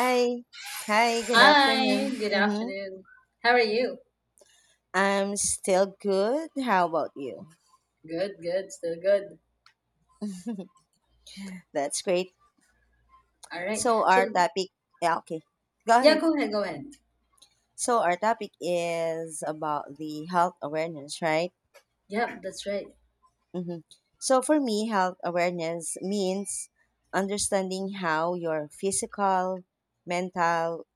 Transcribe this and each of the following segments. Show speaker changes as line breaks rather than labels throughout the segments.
Hi. Hi, good
Hi,
afternoon.
good
Mm-hmm.
afternoon. How are you?
I'm still good. How about you?
Good, good, still good.
That's great.
All right.
So
So,
our topic, yeah, okay. Go
yeah,
ahead.
go ahead, go ahead.
So our topic is about the health awareness, right?
Yep, that's right.
Mm-hmm. So for me, health awareness means understanding how your physical, mental,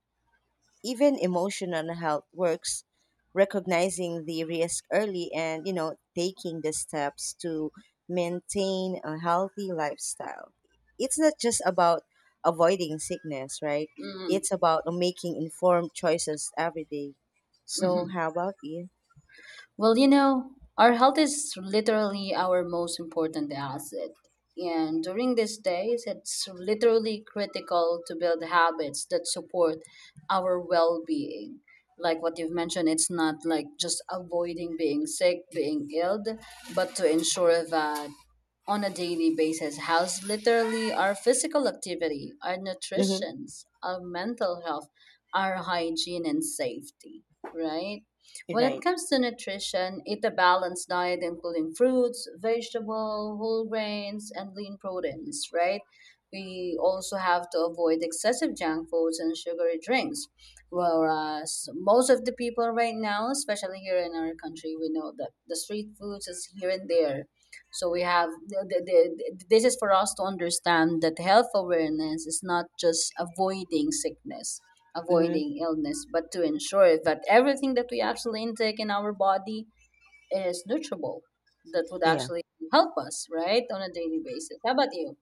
even emotional health works, recognizing the risk early, and taking the steps to maintain a healthy lifestyle. It's not just about avoiding sickness, right?
Mm,
It's about making informed choices every day.
hmm
So how about you?
Well, you know, our health is literally our most important asset. And during these days, it's literally critical to build habits that support our well being. Like what you've mentioned, it's not like just avoiding being sick, being ill, but to ensure that on a daily basis. How's literally our physical activity, our
Mm-hmm.
nutrition, our mental health, our hygiene and safety, right? When it
Right.
comes to nutrition, eat a balanced diet including fruits, vegetables, whole grains, and lean proteins, right? We also have to avoid excessive junk foods and sugary drinks. Whereas most of the people right now, especially here in our country, we know that the street foods is here and there, so we have this is for us to understand that health awareness is not just avoiding sickness,
Mm-hmm.
avoiding illness, but to ensure that everything that we actually intake in our body is nutritible, that would
Yeah.
actually help us, right, on a daily basis. How about you?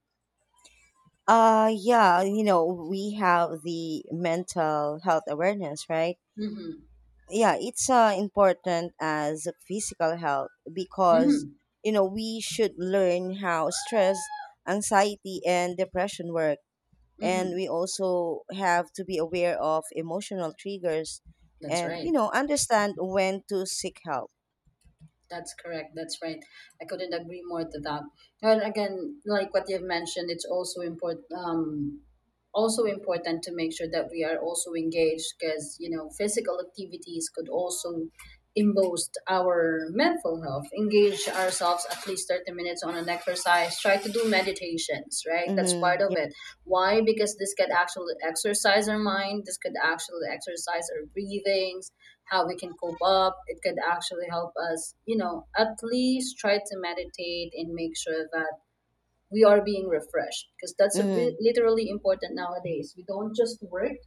Yeah, we have the mental health awareness, right?
Mm-hmm.
Yeah, it's important as physical health because
Mm-hmm.
we should learn how stress, anxiety, and depression work, and
Mm-hmm.
we also have to be aware of emotional triggers
That's
and
right.
understand when to seek help.
That's correct. That's right. I couldn't agree more to that. And again, like what you've mentioned, it's also important. Also important to make sure that we are also engaged, because you know physical activities could also boost our mental health. Engage ourselves at least 30 minutes on an exercise, try to do meditations, right? That's part
Mm-hmm.
of
Yeah.
it. Why? Because this could actually exercise our mind, this could actually exercise our breathing, how we can cope up. It could actually help us, you know, at least try to meditate and make sure that we are being refreshed, because that's
Mm-hmm.
literally important nowadays. We don't just work,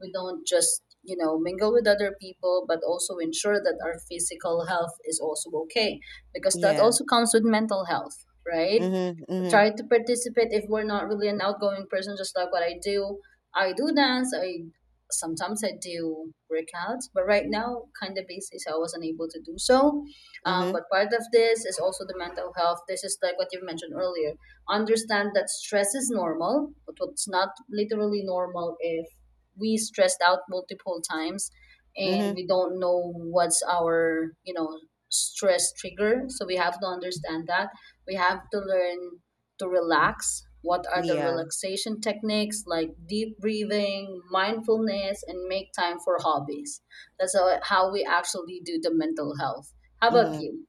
we don't just, you know, mingle with other people, but also ensure that our physical health is also okay, because that
Yeah.
also comes with mental health, right?
Mm-hmm. Mm-hmm.
Try to participate if we're not really an outgoing person, just like what I do. I do dance, I sometimes I do workouts, but right now kind of busy, so I wasn't able to do so.
Mm-hmm.
But part of this is also the mental health. This is like what you mentioned earlier. Understand that stress is normal, but what's not literally normal, if we stressed out multiple times and
Mm-hmm.
we don't know what's our, you know, stress trigger, so we have to understand that we have to learn to relax. What are the
Yeah.
relaxation techniques? Like deep breathing, mindfulness, and make time for hobbies. That's how we actually do the mental health. How about
Mm-hmm.
you?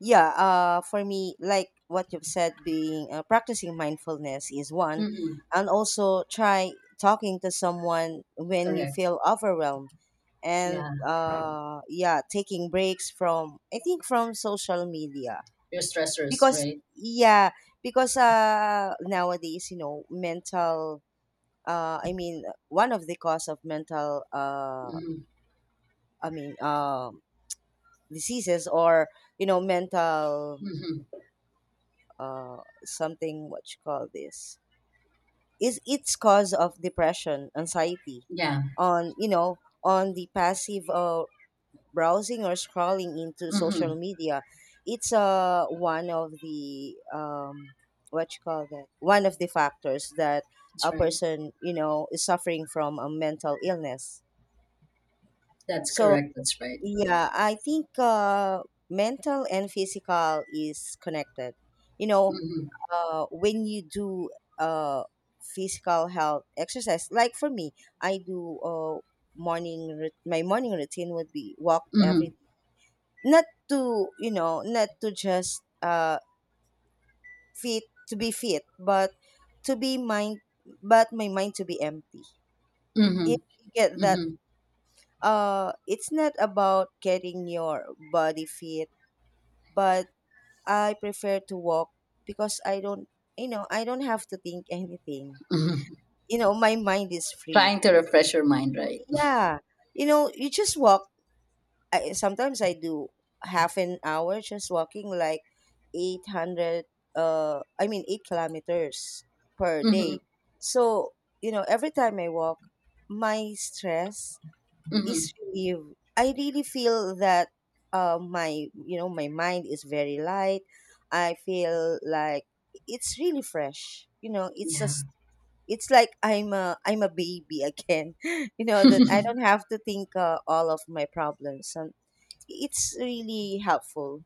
Yeah, for me, like what you've said, being practicing mindfulness is one,
Mm-mm,
and also try talking to someone when you
correct.
feel overwhelmed, and
Yeah.
yeah, taking breaks from, I think, from social media,
Your stressors,
because
right?
yeah, because nowadays mental, I mean, one of the cause of mental,
Mm-hmm.
I mean, diseases, or mental,
Mm-hmm.
uh, something, what you call this, is its cause of depression, anxiety,
Yeah.
on on the passive, browsing or scrolling into
Mm-hmm.
social media. It's one of the, what you call that, one of the factors that
That's
a
right.
person, is suffering from a mental illness.
That's
So
correct. That's right.
yeah, I think, mental and physical is connected. you know
Mm-hmm.
uh, when you do uh, physical health exercise. Like, for me, I do my morning routine would be walk
Mm-hmm.
every day. Not not to just, fit to be fit, but to be mind, my mind to be empty. You
Mm-hmm.
you get that?
Mm-hmm.
It's not about getting your body fit, but I prefer to walk because I don't, you know, I don't have to think anything.
Mm-hmm.
My mind is free.
Trying to refresh your mind, right?
Yeah. You just walk. Sometimes I do half an hour just walking, like, 800, 8 kilometers per
Mm-hmm.
day. So, every time I walk, my stress
Mm-hmm.
is relieved. I really feel that, my, my mind is very light. I feel like it's really fresh.
Yeah.
It's like I'm a baby again. You know that I don't have to think, all of my problems. So it's really helpful.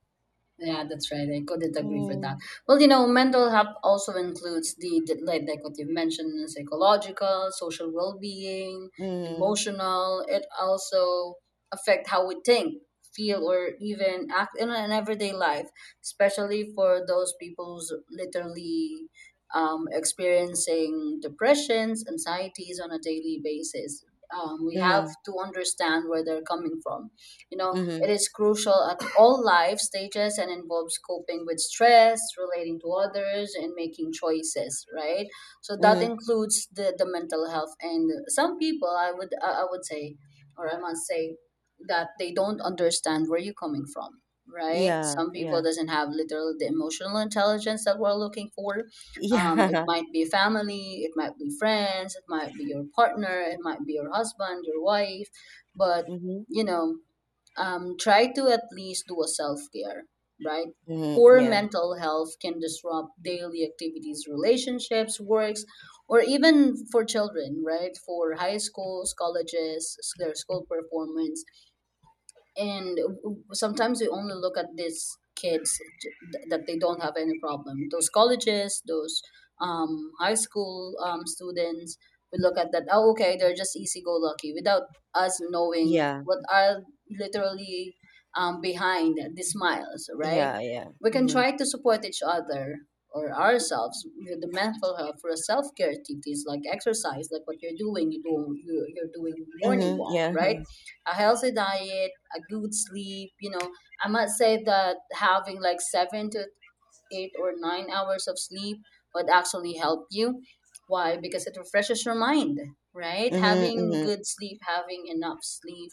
Yeah, that's right. I couldn't agree for that.
Mm,
Well, you know, mental health also includes the like what you mentioned, psychological, social well-being,
mm,
emotional. It also affect how we think, feel, or even act in an everyday life, especially for those people who's literally experiencing depressions, anxieties on a daily basis. We have
mm,
to understand where they're coming from. You know, it
mm,
is crucial at all life stages and involves coping with stress, relating to others, and making choices, right? So that
mm.
includes the mental health. And some people, I would say, or I must say, that they don't understand where you're coming from. Right,
Yeah,
some people
yeah,
doesn't have literal the emotional intelligence that we're looking for. It
yeah.
might be family, it might be friends, it might be your partner, it might be your husband, your wife, but
Mm-hmm,
you know, try to at least do a self care, right?
mm-hmm,
Poor
yeah,
mental health can disrupt daily activities, relationships, works, or even for children, right? For high schools, colleges, their school performance. And sometimes we only look at these kids, that they don't have any problem, those colleges, those high school students, we look at that, oh okay, they're just easy go lucky without us knowing
yeah,
what are literally behind the smiles, right?
yeah, yeah.
We can
Mm-hmm,
try to support each other or ourselves with the mental health for self-care activities, like exercise, like what you're doing. You do, you're doing morning
mm-hmm,
walk,
yeah.
right? A healthy diet, a good sleep. You know, I must say that having like 7 to 8 or 9 hours of sleep would actually help you. Why? Because it refreshes your mind, right?
Mm-hmm,
Having
mm-hmm.
good sleep, having enough sleep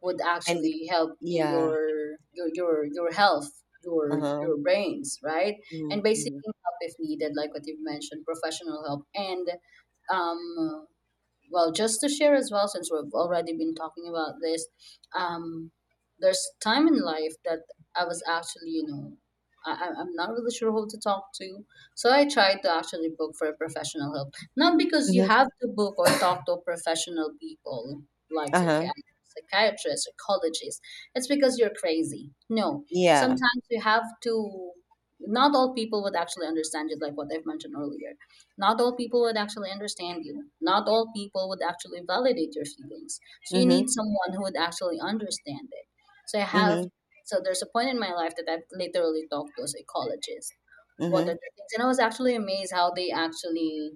would
And it,
actually help you,
yeah.
your health, your
Uh-huh.
your brains, right?
Mm-hmm,
And basically
mm-hmm,
help if needed, like what you've mentioned, professional help, and um well, just to share as well, since we've already been talking about this, um, there's time in life that I was actually, you know, I'm not really sure who to talk to. So I tried to actually book for a professional help. Not because you
mm-hmm,
have to book or talk to professional people like
uh-huh.
psychiatrists, psychologists. It's because you're crazy. No,
Yeah.
sometimes you have to, not all people would actually understand you, like what I've mentioned earlier. Not all people would actually understand you. Not all people would actually validate your feelings. So you
Mm-hmm,
need someone who would actually understand it. So I have,
mm-hmm,
so there's a point in my life that I've literally talked to a psychologist. What
mm-hmm,
are the things? And I was actually amazed how they actually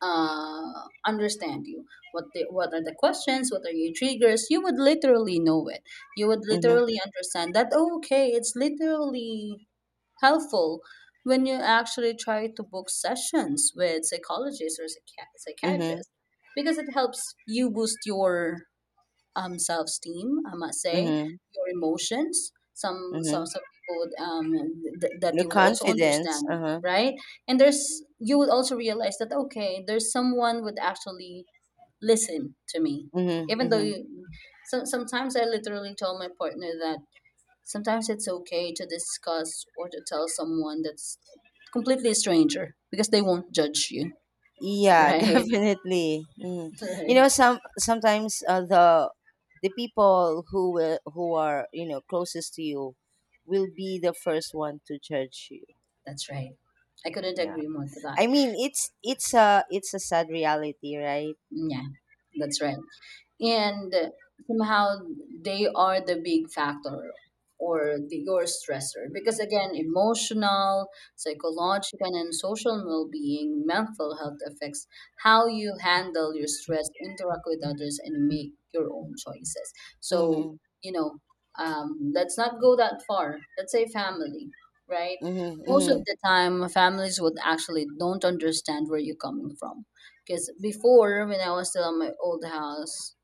understand you. What the, what are the questions? What are your triggers? You would literally know it. You would
mm-hmm,
literally understand that. Oh, okay, it's literally helpful when you actually try to book sessions with psychologists or
mm-hmm,
psychiatrists, because it helps you boost your self-esteem, I must say,
mm-hmm,
your emotions. some
mm-hmm.
some some people would, that
Your
you would also
confidence.
understand,
Uh-huh.
right. And there's, you would also realize that, okay, there's someone would actually listen to me,
Mm-hmm,
even though
mm-hmm.
you, so, sometimes I literally told my partner that sometimes it's okay to discuss or to tell someone that's completely a stranger because they won't judge you,
Yeah,
right?
definitely. Mm. You
Right.
know, sometimes the people who will, who are closest to you will be the first one to judge you.
That's right. I couldn't
Yeah,
agree more to that.
I mean, it's a sad reality, right?
Yeah, that's right. And somehow they are the big factor or the your stressor, because again emotional, psychological and social well-being mental health affects how you handle your stress, interact with others and make your own choices. So
Mm-hmm,
you know, let's not go that far, let's say family, right?
mm-hmm,
Most of
mm-hmm. Of
the time families would actually don't understand where you're coming from. Because before, when I was still in my old house,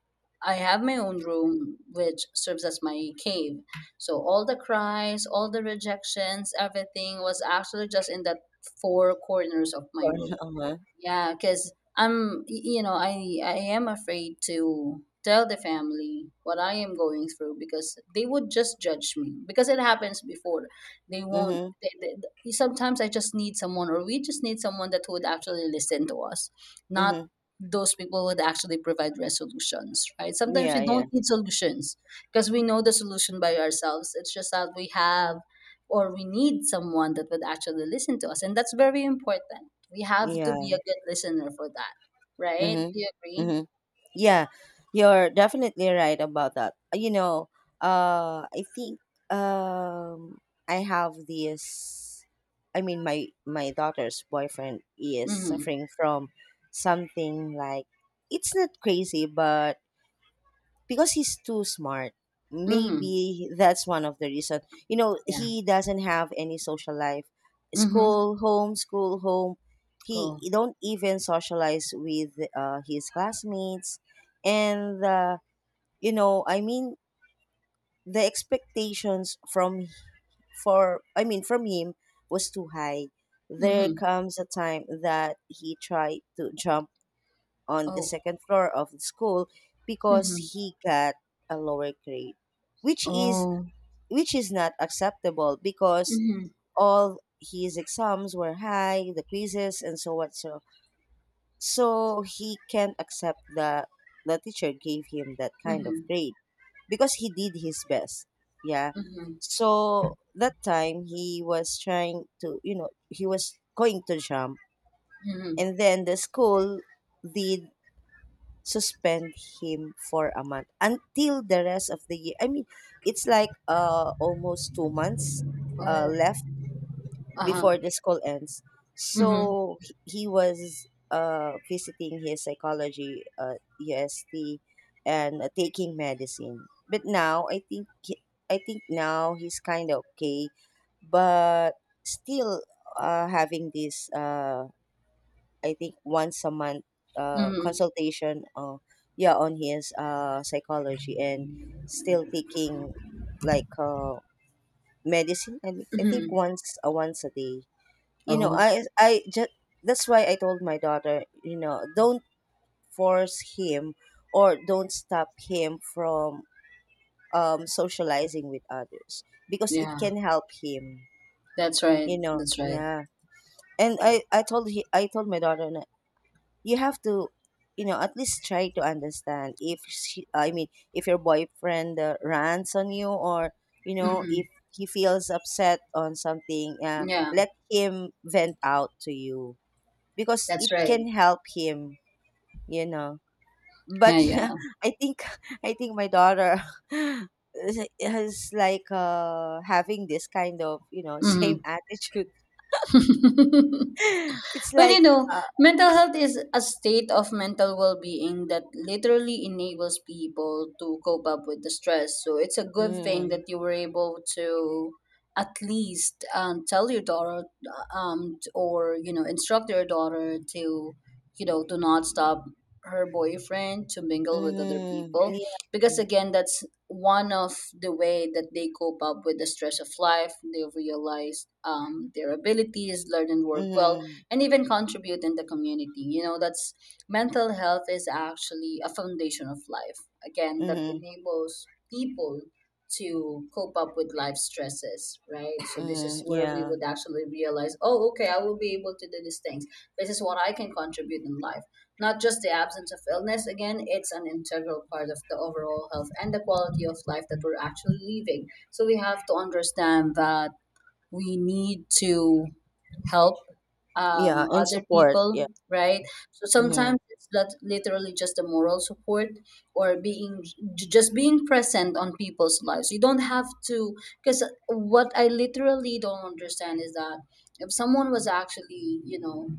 I have my own room, which serves as my cave. So all the cries, all the rejections, everything was actually just in that four corners of my room.
course.
Yeah, because I'm, you know, I am afraid to tell the family what I am going through because they would just judge me because it happens before. They
Uh-huh.
won't.
Mm-hmm,
Sometimes I just need someone, or we just need someone that would actually listen to us, not
mm-hmm.
those people would actually provide resolutions, right? Sometimes
Yeah,
we
yeah,
don't need solutions because we know the solution by ourselves. It's just that we have, or we need someone that would actually listen to us, and that's very important. We have to be
yeah.
a good listener for that, right? Do you
Mm-hmm,
agree?
mm-hmm. Yeah, you're definitely right about that. You know, I think, um, I have this. I mean, my daughter's boyfriend is
Mm-hmm.
suffering from something like, it's not crazy, but because he's too smart.
Mm-hmm.
Maybe that's one of the reason. You know,
Yeah.
he doesn't have any social life.
Mm-hmm.
School, home, school, home. He
Oh.
don't even socialize with his classmates, and I mean, the expectations from for I mean from him was too high. There
Mm-hmm.
comes a time that he tried to jump on the
Oh.
second floor of the school because
Mm-hmm.
he got a lower grade, which is,
Oh.
not acceptable, because
Mm-hmm.
all his exams were high, the quizzes and so what so. So he can't accept that the teacher gave him that kind of
Mm-hmm.
grade because he did his best. Yeah.
Mm-hmm.
So that time he was going to jump,
Mm-hmm.
and then the school did suspend him for a month until the rest of the year. I mean, it's like, almost 2 months,
Oh.
left
Uh-huh.
before the school ends.
Mm-hmm.
So he was visiting his psychology, UST, and taking medicine. But now I think now he's kind of okay, but still having this, I think, once a month,
Mm-hmm.
consultation, yeah, on his psychology, and still taking, like, medicine. I think,
Mm-hmm.
once, once a day.
Oh.
I just, that's why I told my daughter, you know, don't force him, or don't stop him from, socializing with others, because it
Yeah.
can help him,
That's right.
you know.
That's right.
Yeah, and I told my daughter, you have to, at least try to understand, if she, I mean, if your boyfriend rants on you, or
Mm-hmm.
if he feels upset on something,
Yeah.
let him vent out to you, because
That's
it
right.
can help him, you know. But
Yeah. Yeah.
i think I think my daughter is like, having this kind of, same
Mm-hmm.
attitude. It's
Well, you
like,
know,
uh,
mental health is a state of mental well being that literally enables people to cope up with the stress. So it's a good thing that
mm,
you were able to at least tell your daughter, or, you know, instruct your daughter to, you know, to not stop her boyfriend to mingle with other
mm,
people,
yeah,
because again that's one of the way that they cope up with the stress of life. They realize their abilities, learn and work well,
mm.
and even contribute in the community. You know, that's, mental health is actually a foundation of life. Again, that
Mhm,
enables people to cope up with life stresses, right? So this is
mhm,
where we
yeah,
would actually realize, oh, okay, I will be able to do these things. This is what I can contribute in life. Not just the absence of illness. Again, it's an integral part of the overall health and the quality of life that we're actually living. So we have to understand that we need to help,
yeah, and
other
support,
people,
yeah,
right? So
mhm,
sometimes it's not literally just the moral support, or being just being present on people's lives. You don't have to, because what I literally don't understand is that if someone was actually, you know,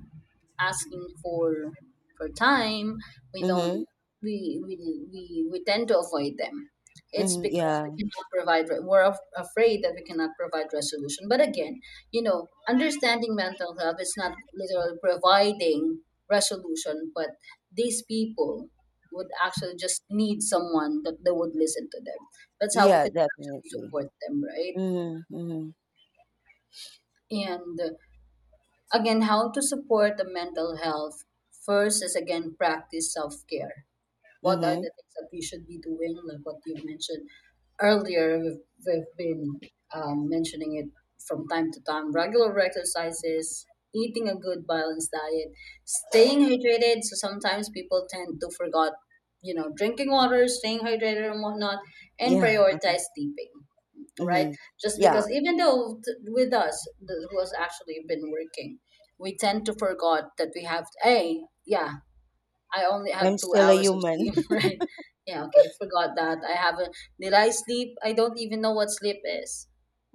asking for time. We
mhm,
don't we we tend to avoid them. It's
mhm,
because we
yeah,
cannot provide afraid that we cannot provide resolution. But again, you know, understanding mental health is not literally providing resolution, but these people would actually just need someone that they would listen to them. That's how we
yeah,
could actually
definitely,
support them, right?
mhm, mhm,
And again, how to support the mental health, first is again practice self-care. What are
mhm,
the things that we should be doing, like what you've mentioned earlier? We've been mentioning it from time to time. Regular exercises, eating a good balanced diet, staying hydrated, so sometimes people tend to forget, you know, drinking water, staying hydrated and whatnot, and
yeah,
prioritize sleeping, right?
mhm,
Just
yeah.
because even though with us, who has actually been working, we tend to forget that we have, hey, yeah, I only have
I'm
two
still a
hours of
human.
sleep, right? Yeah, okay, forgot that. I haven't, did I sleep? I don't even know what sleep is,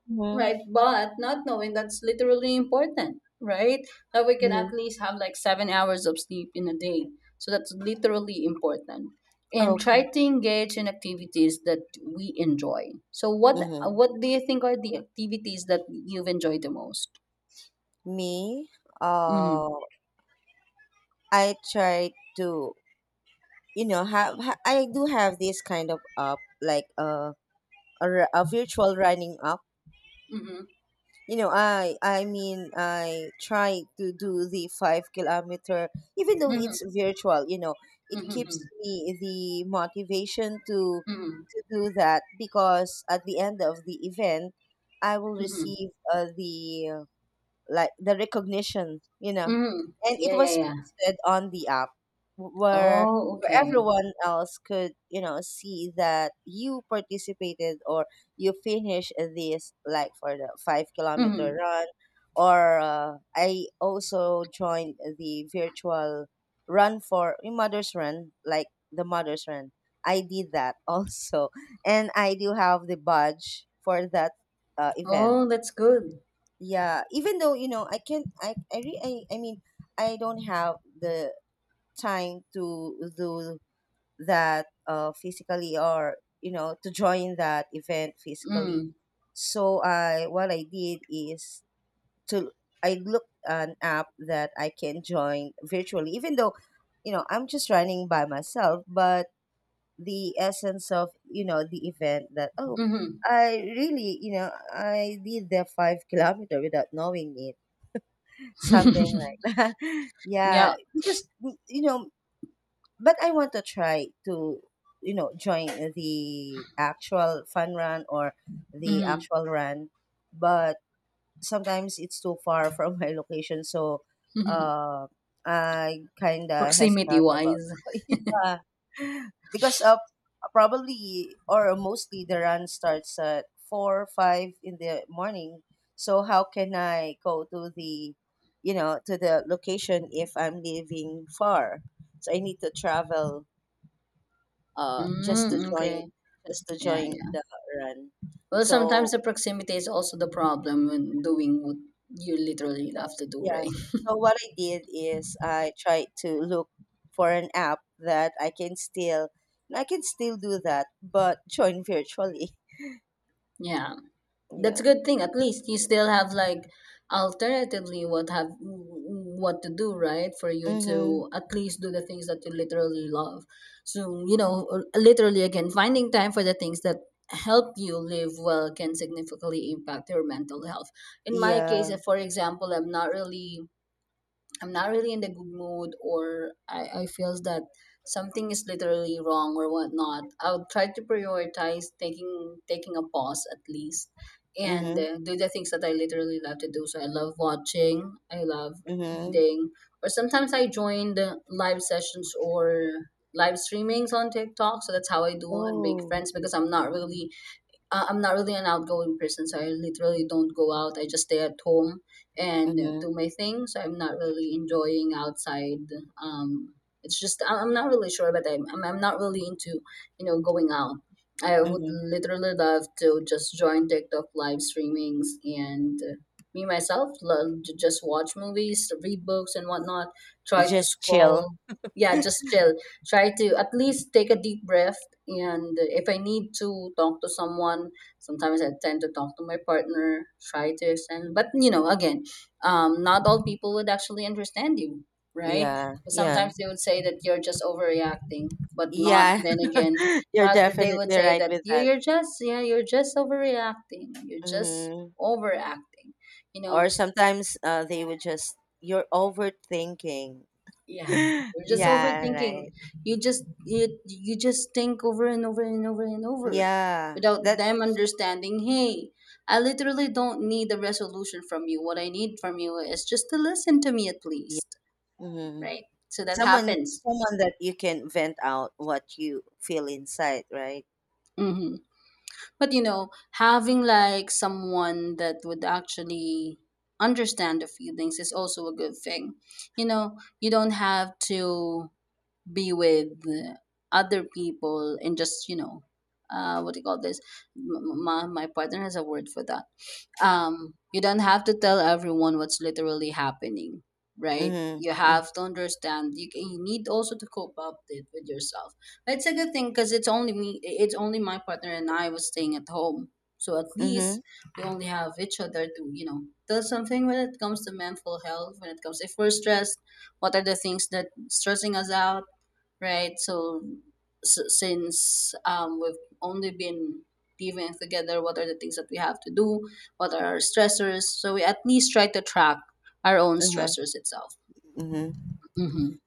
Mhm,
right? But not knowing that's literally important, right? That we can at
mhm,
least have like 7 hours of sleep in a day. So that's literally important. And try
okay,
to engage in activities that we enjoy. So what
mhm.
what do you think are the activities that you've enjoyed the most?
Me,
Mm.
uh, I try to, I do have this kind of, like, a virtual running, up
Mm-hmm.
I try to do the 5 kilometer, even though
Mm-hmm.
it's virtual, you know. It keeps
Mm-hmm.
me the motivation to
Mm-hmm.
to do that because at the end of the event I will
Mm-hmm.
receive, the like the recognition.
Mm-hmm.
And it
Yeah, yeah,
was
yeah.
posted on the app, wh- where
Oh,
where
okay.
everyone else could, you know, see that you participated, or you finished this, like, for the 5-kilometer
Mm-hmm.
run. Or I also joined the virtual run for, mother's run, like the mother's run. I did that also. And I do have the badge for that event.
Oh, that's good.
Yeah, even though, you know, I can't I, re, I mean I don't have the time to do that, physically, or you know, to join that event physically.
Mm.
So I what I did is to I looked an app that I can join virtually, even though, I'm just running by myself. But the essence of, the event, that oh,
Mm-hmm.
I really, I did the 5 kilometer without knowing it, something like that. Yeah,
Yeah.
because, but I want to try to, join the actual fun run, or the
Mm-hmm.
actual run, but sometimes it's too far from my location, so uh I kind of
Proximity
hesitate about
wise.
yeah, because, probably or mostly the run starts at 4 or 5 in the morning, so how can I go to the you know to the location if I'm living far. So I need to travel, just to
Mm,
join,
okay. Yeah, yeah.
the run,
Well,
so
sometimes the proximity is also the problem when doing what you literally have to do, right?
yeah. So what I did is I tried to look for an app that, I can still do that, but join virtually.
Yeah. That's
Yeah.
a good thing. At least you still have like alternatively what have what to do, right? For you
Mm-hmm.
to at least do the things that you literally love. So, you know, literally again, finding time for the things that help you live well can significantly impact your mental health. In my case,
Yeah.
for example, I'm not really in the good mood, or I feels that something is literally wrong or whatnot, I'll try to prioritize taking a pause at least, and
Mm-hmm.
do the things that I literally love to do. So I love watching, I love
Mm-hmm.
reading, or sometimes I join the live sessions or live streamings on TikTok. So that's how I do and make
Oh.
friends because I'm not really an outgoing person, so I literally don't go out. I just stay at home and
Mm-hmm.
do my thing. So I'm not really enjoying outside. Um, it's just I'm not really sure, but I'm not really into, you know, going out. I would
Mm-hmm.
literally love to just join TikTok live streamings, and me myself love to just watch movies, read books, and whatnot. Try to
Just chill.
scroll, yeah, just chill, try to at least take a deep breath. And if I need to talk to someone, sometimes I tend to talk to my partner, try to extend. But, you know, again, not all people would actually understand you, right?
Yeah.
But
Yeah.
sometimes they would say that you're just overreacting, but not
Yeah.
then again.
You're
But they would
definitely
say
right
that
with that.
you're just, yeah, you're just overreacting. You're just
Mm-hmm.
overacting, you
Or
know.
sometimes, they would just, you're overthinking.
Yeah, you're just
Yeah. Right.
overthinking. You just you just think over and over and over and over
Yeah.
without
That.
them understanding, hey, I literally don't need a resolution from you. What I need from you is just to listen to me at
Yeah.
least,
Mm-hmm.
right? So that
Someone
happens.
someone that you can vent out what you feel inside, right?
Hmm. But you know, having like someone that would actually understand the feelings is also a good thing. You know, you don't have to be with other people and just, you know, uh, what do you call this? My partner has a word for that. You don't have to tell everyone what's literally happening, right?
Mhm.
You
Mm,
have to understand, you need also to cope up it with yourself. But it's a good thing because it's only me, it's only my partner, and I was staying at home. So at least
mhm.
we only have each other to, you know, tell something when it comes to mental health, when it comes if we're stressed, what are the things that stressing us out, right? So, s since we've only been living together, what are the things that we have to do? What are our stressors? So we at least try to track our own
Uh-huh.
stressors itself.
Mhm.
Mm-hmm.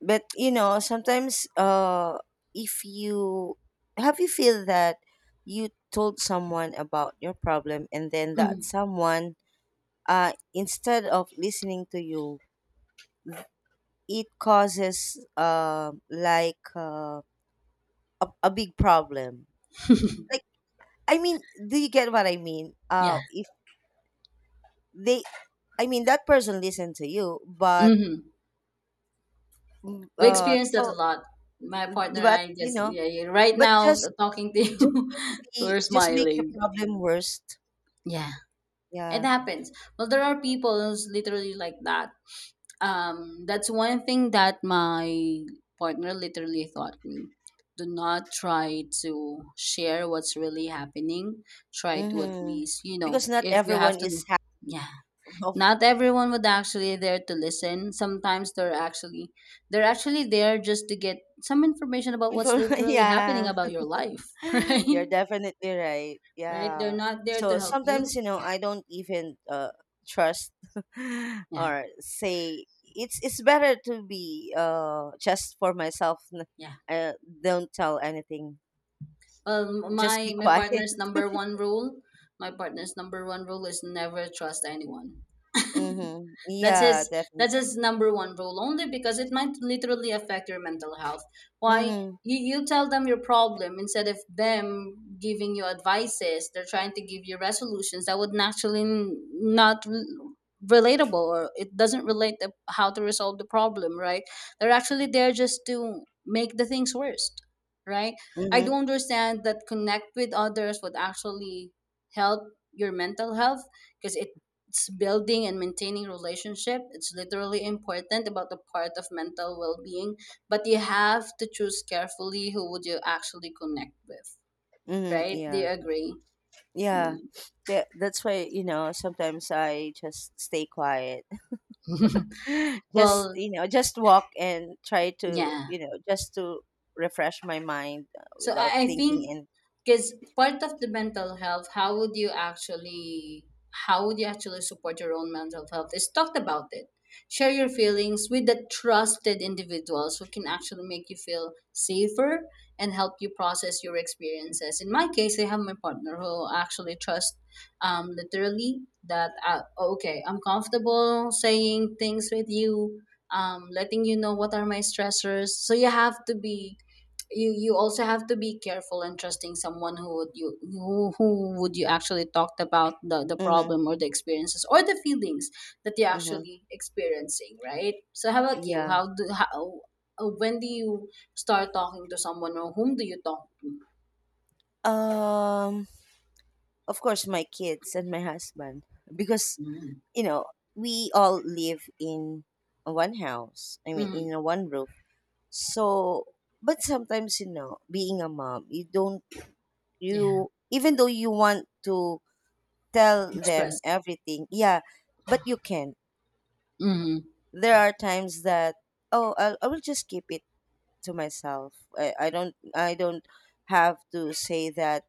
But you know, sometimes, if you feel that you told someone about your problem, and then that
Hmm.
someone, instead of listening to you, it causes, like, a big problem, like, I mean, do you get what I mean,
Yeah.
if they, I mean, that person listened to you, but,
Hmm.
mm,
We
uh,
experience that a
to,
lot. My partner and
but,
I, just yeah, yeah, right
but,
now talking to
just
you,
make,
we're
the
smiling.
problem worse.
Yeah, it
Yeah.
happens. Well, there are people who's literally like that. That's one thing that my partner literally taught me. Do not try to share what's really happening. Try to at
Mm-hmm.
least, you know,
Because not
if you have
everyone
to,
is happy.
yeah.
Of
Not everyone would actually there to listen. Sometimes they're actually there just to get some information about what's literally happening
yeah,
about your life, right?
you're definitely right.
Right? They're
Yeah.
not there to
So
help
sometimes,
you.
I don't even, trust,
Yeah,
or say, it's, better to be, just for myself.
yeah.
I don't tell anything.
Well,
Just be
my
quiet.
partner's number one rule, my partner's number one rule is never trust anyone.
Mm-hmm.
That's
Yeah,
his, that's
definitely.
his number one rule. Only because it might literally affect your mental health. Why
Mm-hmm.
you tell them your problem instead of them giving you advices. They're trying to give you resolutions that would naturally not relatable, or it doesn't relate the, how to resolve the problem. Right? They're actually there just to make the things worse. Right? I
Mm-hmm.
do understand that connect with others would actually help your mental health because it's building and maintaining relationship. It's literally important about the part of mental well-being, but you have to choose carefully who would you actually connect with,
Mm-hmm.
right? Do
Yeah.
you agree?
Yeah.
Mm.
That's why, sometimes I just stay quiet. Just,
Well,
just walk, and try to,
yeah.
just to refresh my mind,
So
without
I
thinking,
think
and
because part of the mental health, how would you actually, how would you actually support your own mental health is talk about it. Share your feelings with the trusted individuals who can actually make you feel safer and help you process your experiences. In my case, I have my partner who actually trusts, literally that, oh, okay, I'm comfortable saying things with you, letting you know what are my stressors. So you have to be, you also have to be careful in trusting someone who would you, who would you actually talked about the
mhm.
problem or the experiences or the feelings that you're
Mhm.
actually experiencing, right? So how about you?
Yeah.
How, when do you start talking to someone, or whom do you talk to?
Um. Of course, my kids and my husband, because,
Mm-hmm.
you know we all live in one house. I mean,
Mm-hmm.
in a one roof. So, but sometimes, being a mom, you don't,
Yeah.
even though you want to tell them
Express.
everything, yeah, but you can't.
Mm-hmm.
There are times that, oh, I will just keep it to myself. I don't, I don't have to say that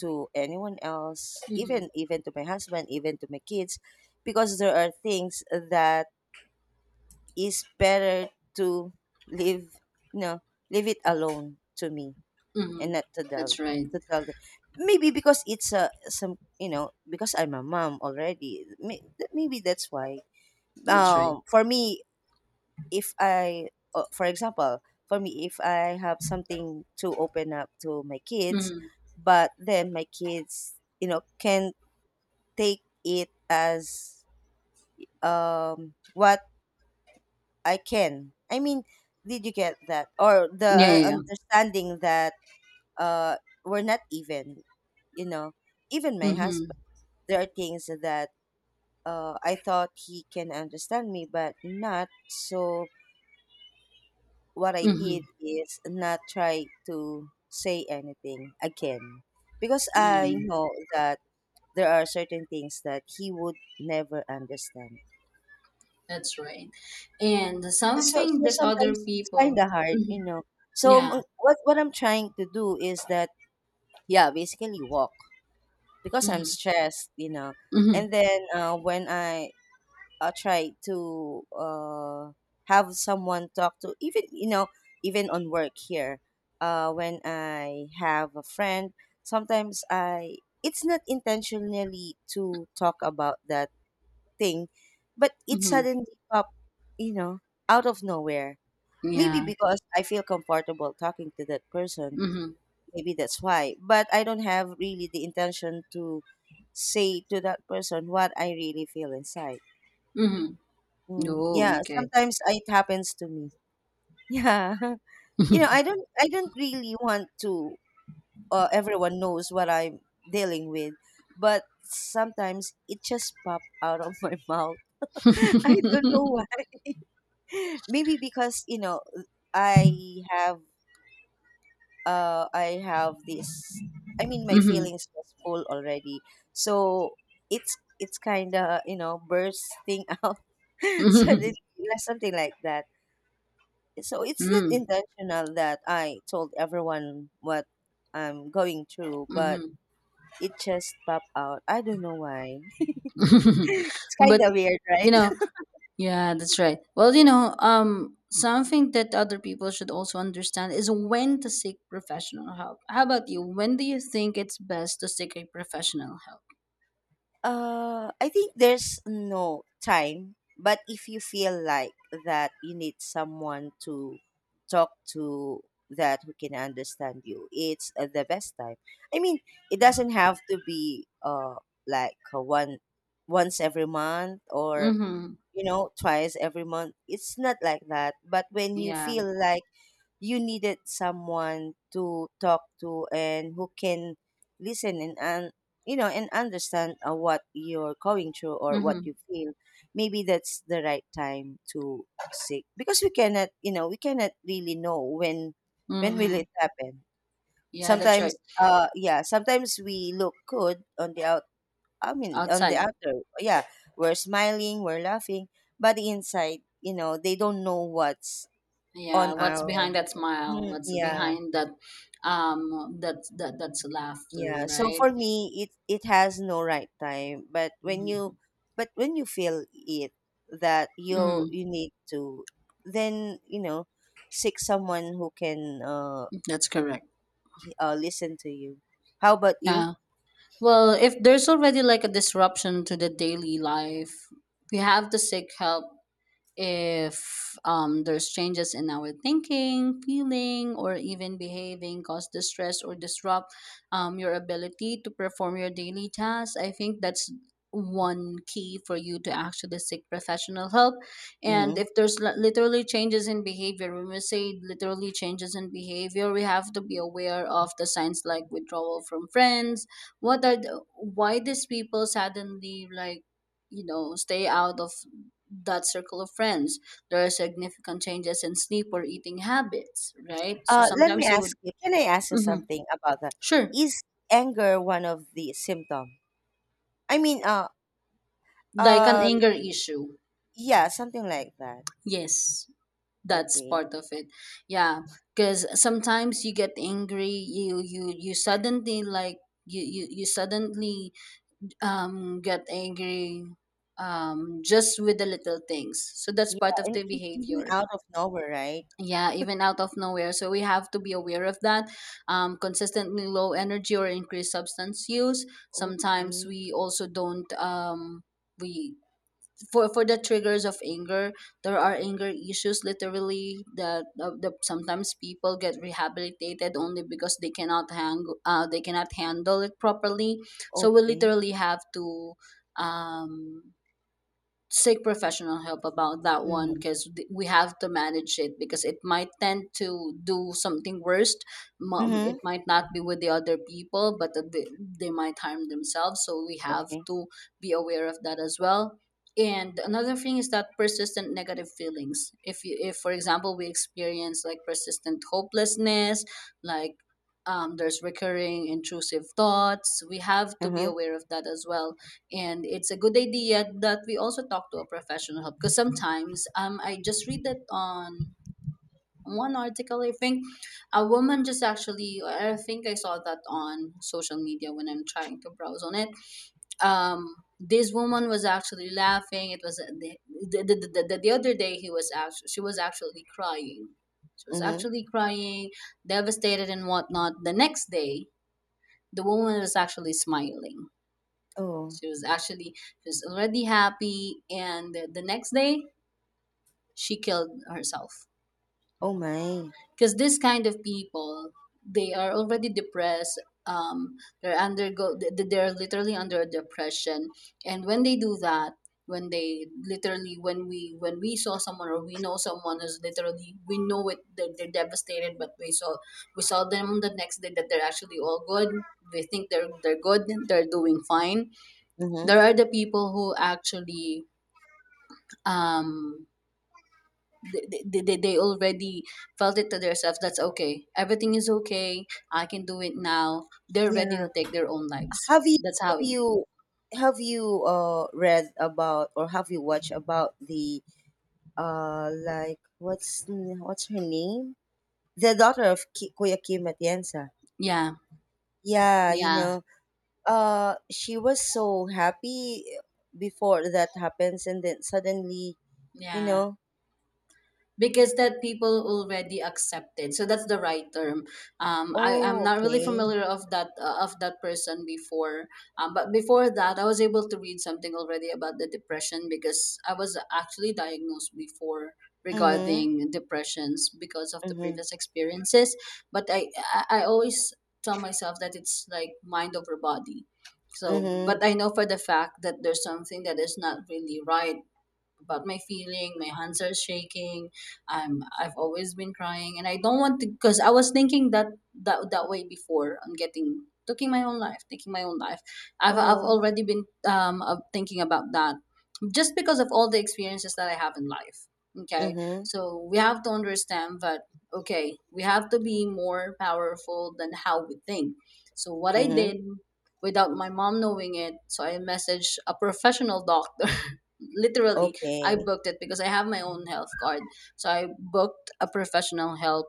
to anyone else,
Mm-hmm.
even, even to my husband, even to my kids, because there are things that is better to leave, you know, leave it alone to me
Mm-hmm.
and not to
That's
tell
right.
to tell them. Maybe because it's a some because I'm a mom already. Maybe that's why.
That's right.
For me, if I, for example, for me, if I have something to open up to my kids,
Mm-hmm.
but then my kids, you know, can take it as what I can. I mean, did you get that or
Yeah,
the
yeah, yeah.
understanding that uh we're not even, you know, even my
Mm-hmm.
husband, there are things that I thought he can understand me, but not so. What I did
Mm-hmm.
is not try to say anything again, because I
Mm-hmm.
know that there are certain things that he would never understand.
That's right. And
so
something
so
that other
sometimes it's kind
people,
of hard,
mhm,
you know. so
yeah,
m- what what I'm trying to do is that, yeah, basically walk because I'm
hmm,
stressed, you know.
hmm,
And then when I try to have someone talk to, even, you know, even on work here, when I have a friend, sometimes I, it's not intentionally to talk about that thing, but it
hmm,
suddenly pop, you know, out of nowhere. Maybe
yeah,
because I feel comfortable talking to that person,
hmm,
maybe that's why. But I don't have really the intention to say to that person what I really feel inside.
hmm,
Mm,
oh,
yeah,
okay,
sometimes it happens to me. Yeah. You know, I don't really want to, everyone knows what I'm dealing with, but sometimes it just pop out of my mouth. I don't know why. Maybe because, you know, I have I have this. I mean, my
hmm,
feelings was full already, so it's kind of, you know, bursting out
hmm,
suddenly, like something like that. So it's not
hmm,
intentional that I told everyone what I'm going through, but
hmm,
it just popped out. I don't know why. It's
but
kind of weird,
you
right?
know, yeah, that's right. Well, you know, something that other people should also understand is when to seek professional help. How about you? When do you think it's best to seek a professional help?
I think there's no time, but if you feel like that you need someone to talk to that who can understand you, it's the best time. I mean, it doesn't have to be like one once every month or
Mm-hmm.
you know twice every month. It's not like that, but when you
Yeah.
feel like you needed someone to talk to and who can listen and you know and understand, what you're going through or what
Mm-hmm.
you feel, maybe that's the right time to seek, because we cannot, you know, we cannot really know when will
Mm-hmm.
it happen.
Yeah, that's right.
Sometimes yeah, sometimes we look good on the out, I mean on the
Outside.
outer, yeah, we're smiling, we're laughing, but the inside, you know, they don't know what's
Yeah,
on
what's
our.
behind that smile?
Mm,
What's
yeah.
behind that, um, that that's laughter,
Yeah, so
right?
for me, it has no right time.
Mm,
But when you feel it that you
mm,
you need to, then, you know, seek someone who can
that's correct.
listen to you. How about you?
Yeah. Well, if there's already like a disruption to the daily life, we have to seek help if, there's changes in our thinking, feeling, or even behaving cause distress or disrupt, your ability to perform your daily tasks, I think that's one key for you to actually seek professional help. And
Mm-hmm.
if there's literally changes in behavior, when we say literally changes in behavior, we have to be aware of the signs like withdrawal from friends. What are the, why these people suddenly like, you know, stay out of that circle of friends. There are significant changes in sleep or eating habits, right? So
Let me
sometimes you would,
ask you. Can I ask you
mhm,
something about that?
sure,
Is anger one of the symptom? I mean,
like an
uh,
anger issue.
yeah, something like that.
Yes, that's
Okay.
part of it. Yeah, because sometimes you get angry. You suddenly like you suddenly, um, get angry, um, just with the little things. So that's
Yeah,
part of
and
the
even
behavior,
out of nowhere, right?
yeah, even out of nowhere, so we have to be aware of that. Consistently low energy or increased substance use. Sometimes
Okay.
we also don't, we for the triggers of anger, there are anger issues literally that sometimes people get rehabilitated only because they cannot hang they cannot handle it properly, so we
Okay.
literally have to um seek professional help about that one
Mm-hmm.
because we have to manage it because it might tend to do something worse. It
Mhm.
might not be with the other people but that they might harm themselves, so we have
Okay.
to be aware of that as well. And another thing is that persistent negative feelings, if you if for example we experience like persistent hopelessness, like there's recurring intrusive thoughts, we have to be
Mhm.
aware of that as well. And it's a good idea that we also talk to a professional help, because sometimes I just read that on one article, I think. A woman just actually, I think I saw that on social media when I'm trying to browse on it. This woman was actually laughing. It was the other day he was actually she was actually crying. She was
Mhm.
actually crying, devastated and whatnot. The next day, the woman was actually smiling.
Oh.
She was actually, she was already happy, and the next day she killed herself.
Oh my.
Because this kind of people, they are already depressed. Um, they're they're literally under depression, and when they do that, when they literally, when we saw someone or we know someone who's literally, we know it they're devastated, but we saw them the next day that they're actually all good. We think they're good, they're doing fine.
Mhm.
There are the people who actually um they already felt it to themselves, that's okay, everything is okay, I can do it now, they're ready
Yeah.
to take their own lives.
Have you
That's how
have
it.
you have you read about, or have you watched about the like what's what's her name? The daughter of Kuya Kim Atienza.
Yeah,
Yeah, you
yeah,
know, she was so happy before that happens and then suddenly, you
yeah,
know,
because that people already accepted, so that's the right term. I am
oh
not really
okay.
familiar of that person before. But before that, I was able to read something already about the depression because I was actually diagnosed before
Mhm.
regarding depressions because of the
Mhm.
previous experiences. But I always tell myself that it's like mind over body. So but
Mhm.
I know for the fact that there's something that is not really right about my feeling. My hands are shaking, I've always been crying and I don't want to, because I was thinking that way before on getting taking my own life taking my own life. I've
Oh.
already been of thinking about that, just because of all the experiences that I have in life. Okay,
Mhm.
so we have to understand that, okay, we have to be more powerful than how we think. So what I
Mhm.
did, without my mom knowing it, so I messaged a professional doctor literally. I
Okay.
booked it because I have my own health card. So I booked a professional help,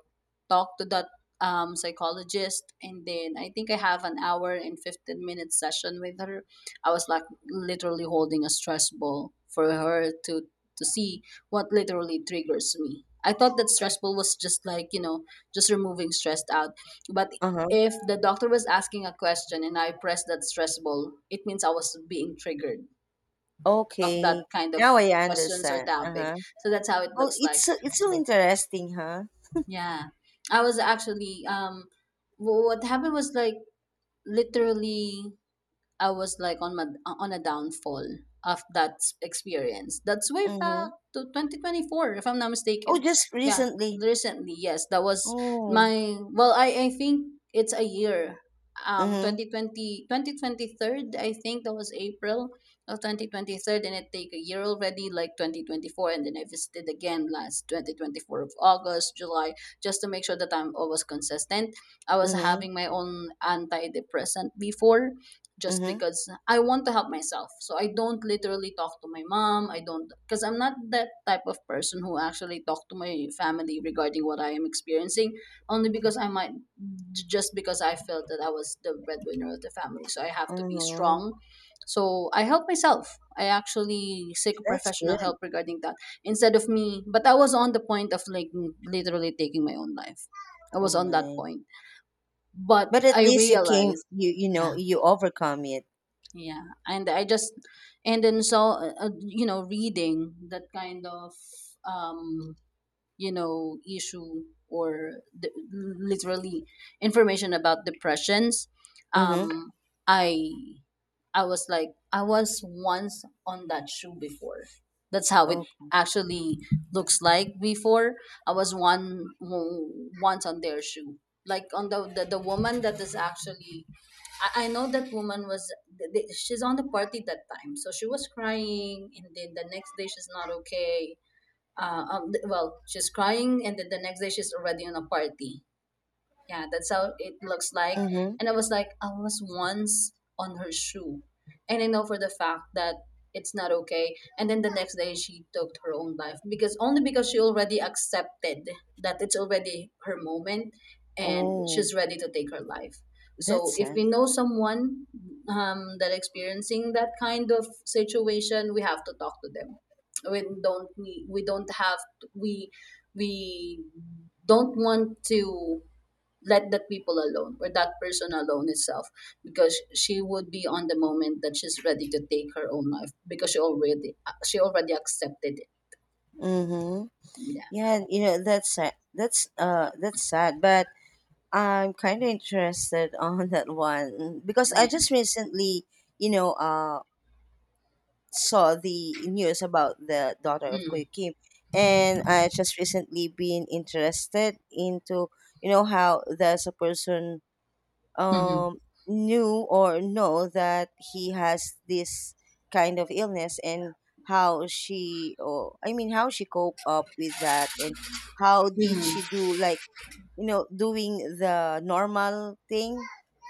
talked to that psychologist, and then I think I have an hour and 15-minute session with her. I was like literally holding a stress ball for her to see what literally triggers me. I thought that stress ball was just like, you know, just removing stressed out. But
Uh-huh.
if the doctor was asking a question and I pressed that stress ball, it means I was being triggered of that
Okay.
kind of
Now I
questions or
understand.
topic.
Uh-huh.
So that's how it
Oh,
looks like.
it's it's so interesting, huh?
Yeah. I was actually what happened was like literally I was like on a downfall of that experience. That's way back
Mm-hmm.
to 2024, if I'm not
Oh,
mistaken.
just
Yeah,
recently.
recently, yes, that was
Oh.
my well. I think it's a year.
Mm-hmm.
2020, I think that was April of 2023, and it take a year already, like 2024, and then I visited again last 2024 of August, July, just to make sure that I'm always consistent. I was
Mm-hmm.
having my own antidepressant before, just
Mm-hmm.
because I want to help myself. So I don't literally talk to my mom. I don't, because I'm not that type of person who actually talk to my family regarding what I am experiencing, only because I might, just because I felt that I was the breadwinner of the family. So I have to be
Mm-hmm.
strong. So I help myself. I actually seek
That's
professional
good.
help regarding that instead of me. But I was on the point of like literally taking my own life. I was
Oh
on that
my.
point. But
But at
I
least you came,
realized,
you
yeah,
know, you overcome it.
yeah, and I just, and then so you know, reading that kind of um you know issue, or the, literally, information about depressions.
Mm-hmm.
um i I was like, I was once on that shoe before. That's how it
Oh.
actually looks like. Before, I was one once on their shoe, like on the woman that is actually, I know that woman was, she's on the party that time, so she was crying, and then the next day she's not okay. Well, she's crying, and then the next day she's already on a party. Yeah, that's how it looks like.
Mm-hmm.
And I was like, I was once on her shoe. And I know for the fact that it's not okay. And then the next day she took her own life, because, only because, she already accepted that it's already her moment and
Oh,
she's ready to take her life.
that's
So if
sad.
we know someone that experiencing that kind of situation, we have to talk to them. We don't have, we we don't want to let that people alone, or that person alone itself, because she would be on the moment that she's ready to take her own life because she already accepted it.
Mm-hmm.
Yeah,
Yeah, you know, that's sad. That's sad. But I'm kind of interested on that one, because I
yeah.
just recently, you know, saw the news about the daughter of Kuya
Mm-hmm.
Kim, and I just recently been interested into, you know, how there's a person
Mm-hmm. Mm-hmm.
um knew or know that he has this kind of illness, and how she, or I mean, how she cope up with that, and how did she
Mm-hmm.
do like, you know, doing the normal thing,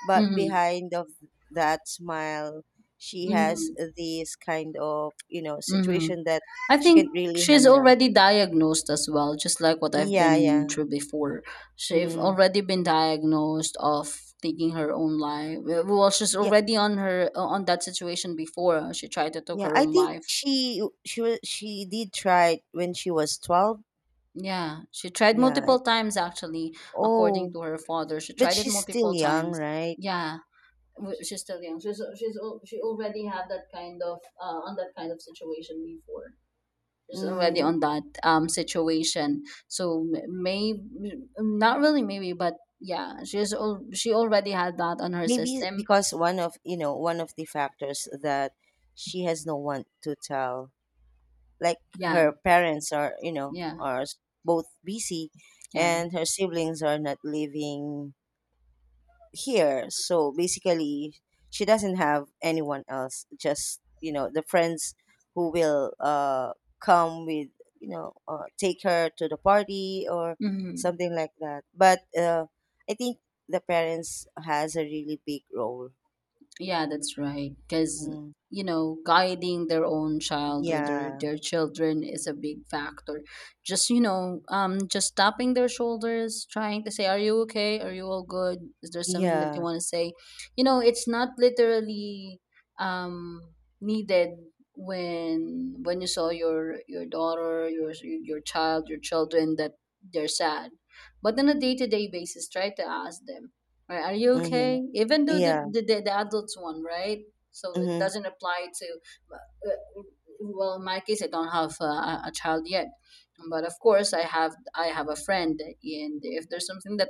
but
Mm-hmm.
behind of that smile she has this kind of, you know,
Mm-hmm.
situation that
I
she can't
think
really
she's
handle.
already diagnosed as well, just like what I've
Yeah,
been
yeah.
through before. She's
Mm,
already been diagnosed of taking her own life. Well, she's
yeah,
already on her on that situation before, huh? She tried to take
yeah.
her
I
own
think
life.
she did try it when she was 12,
Yeah, she tried
yeah.
multiple times actually, according
Oh,
to her father. She
but
tried it
she's still
multiple
young,
times.
right?
Yeah, she's still young. She already had that kind of on that kind of situation before. She's already
Mm,
on that situation. So maybe, not really maybe, but yeah, she already had that on her
maybe
system.
because one of, you know, one of the factors that she has no one to tell, like,
Yeah,
her parents are, you know,
yeah,
both busy,
yeah.
and her siblings are not living here, so basically she doesn't have anyone else, just, you know, the friends who will come with, you know, take her to the party or
Hmm.
something like that, but I think the parents has a really big role.
Yeah, that's right. Because,
Mm.
you know, guiding their own child, or
Yeah,
their children, is a big factor. Just, you know, just tapping their shoulders, trying to say, are you okay? Are you all good? Is there something that you
yeah.
want to say? You know, it's not literally um, needed when you saw your daughter your child, your children, that they're sad. But on a day-to-day basis, try to ask them, right, are you
Mm-hmm.
okay? Even though
Yeah.
the adults one, right? So it
Mm-hmm.
doesn't apply to, uh, well, in my case, I don't have a child yet, but of course, I have a friend, and if there's something that,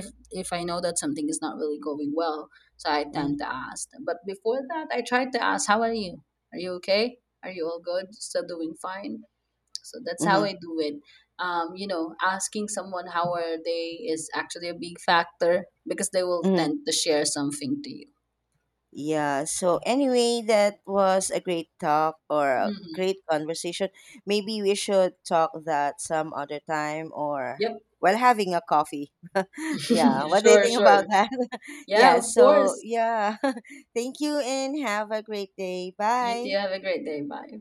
if I know that something is not really going well, so I
Mm-hmm.
tend to ask. But before that, I tried to ask, "How are you? Are you okay? Are you all good? Still doing fine?" So that's how
Mm-hmm.
I do it. You know, asking someone how are they is actually a big factor because they will
Mm-hmm.
tend to share something to you.
Yeah. So anyway, that was a great talk or a
Hmm.
great conversation. Maybe we should talk that some other time, or
Yep.
while having a coffee. Yeah. What do you
Sure,
think about
sure.
that?
Yeah,
Yeah.
of
So
course.
yeah. Thank you and have a great day.
You too,
Bye.
have a great day. Bye.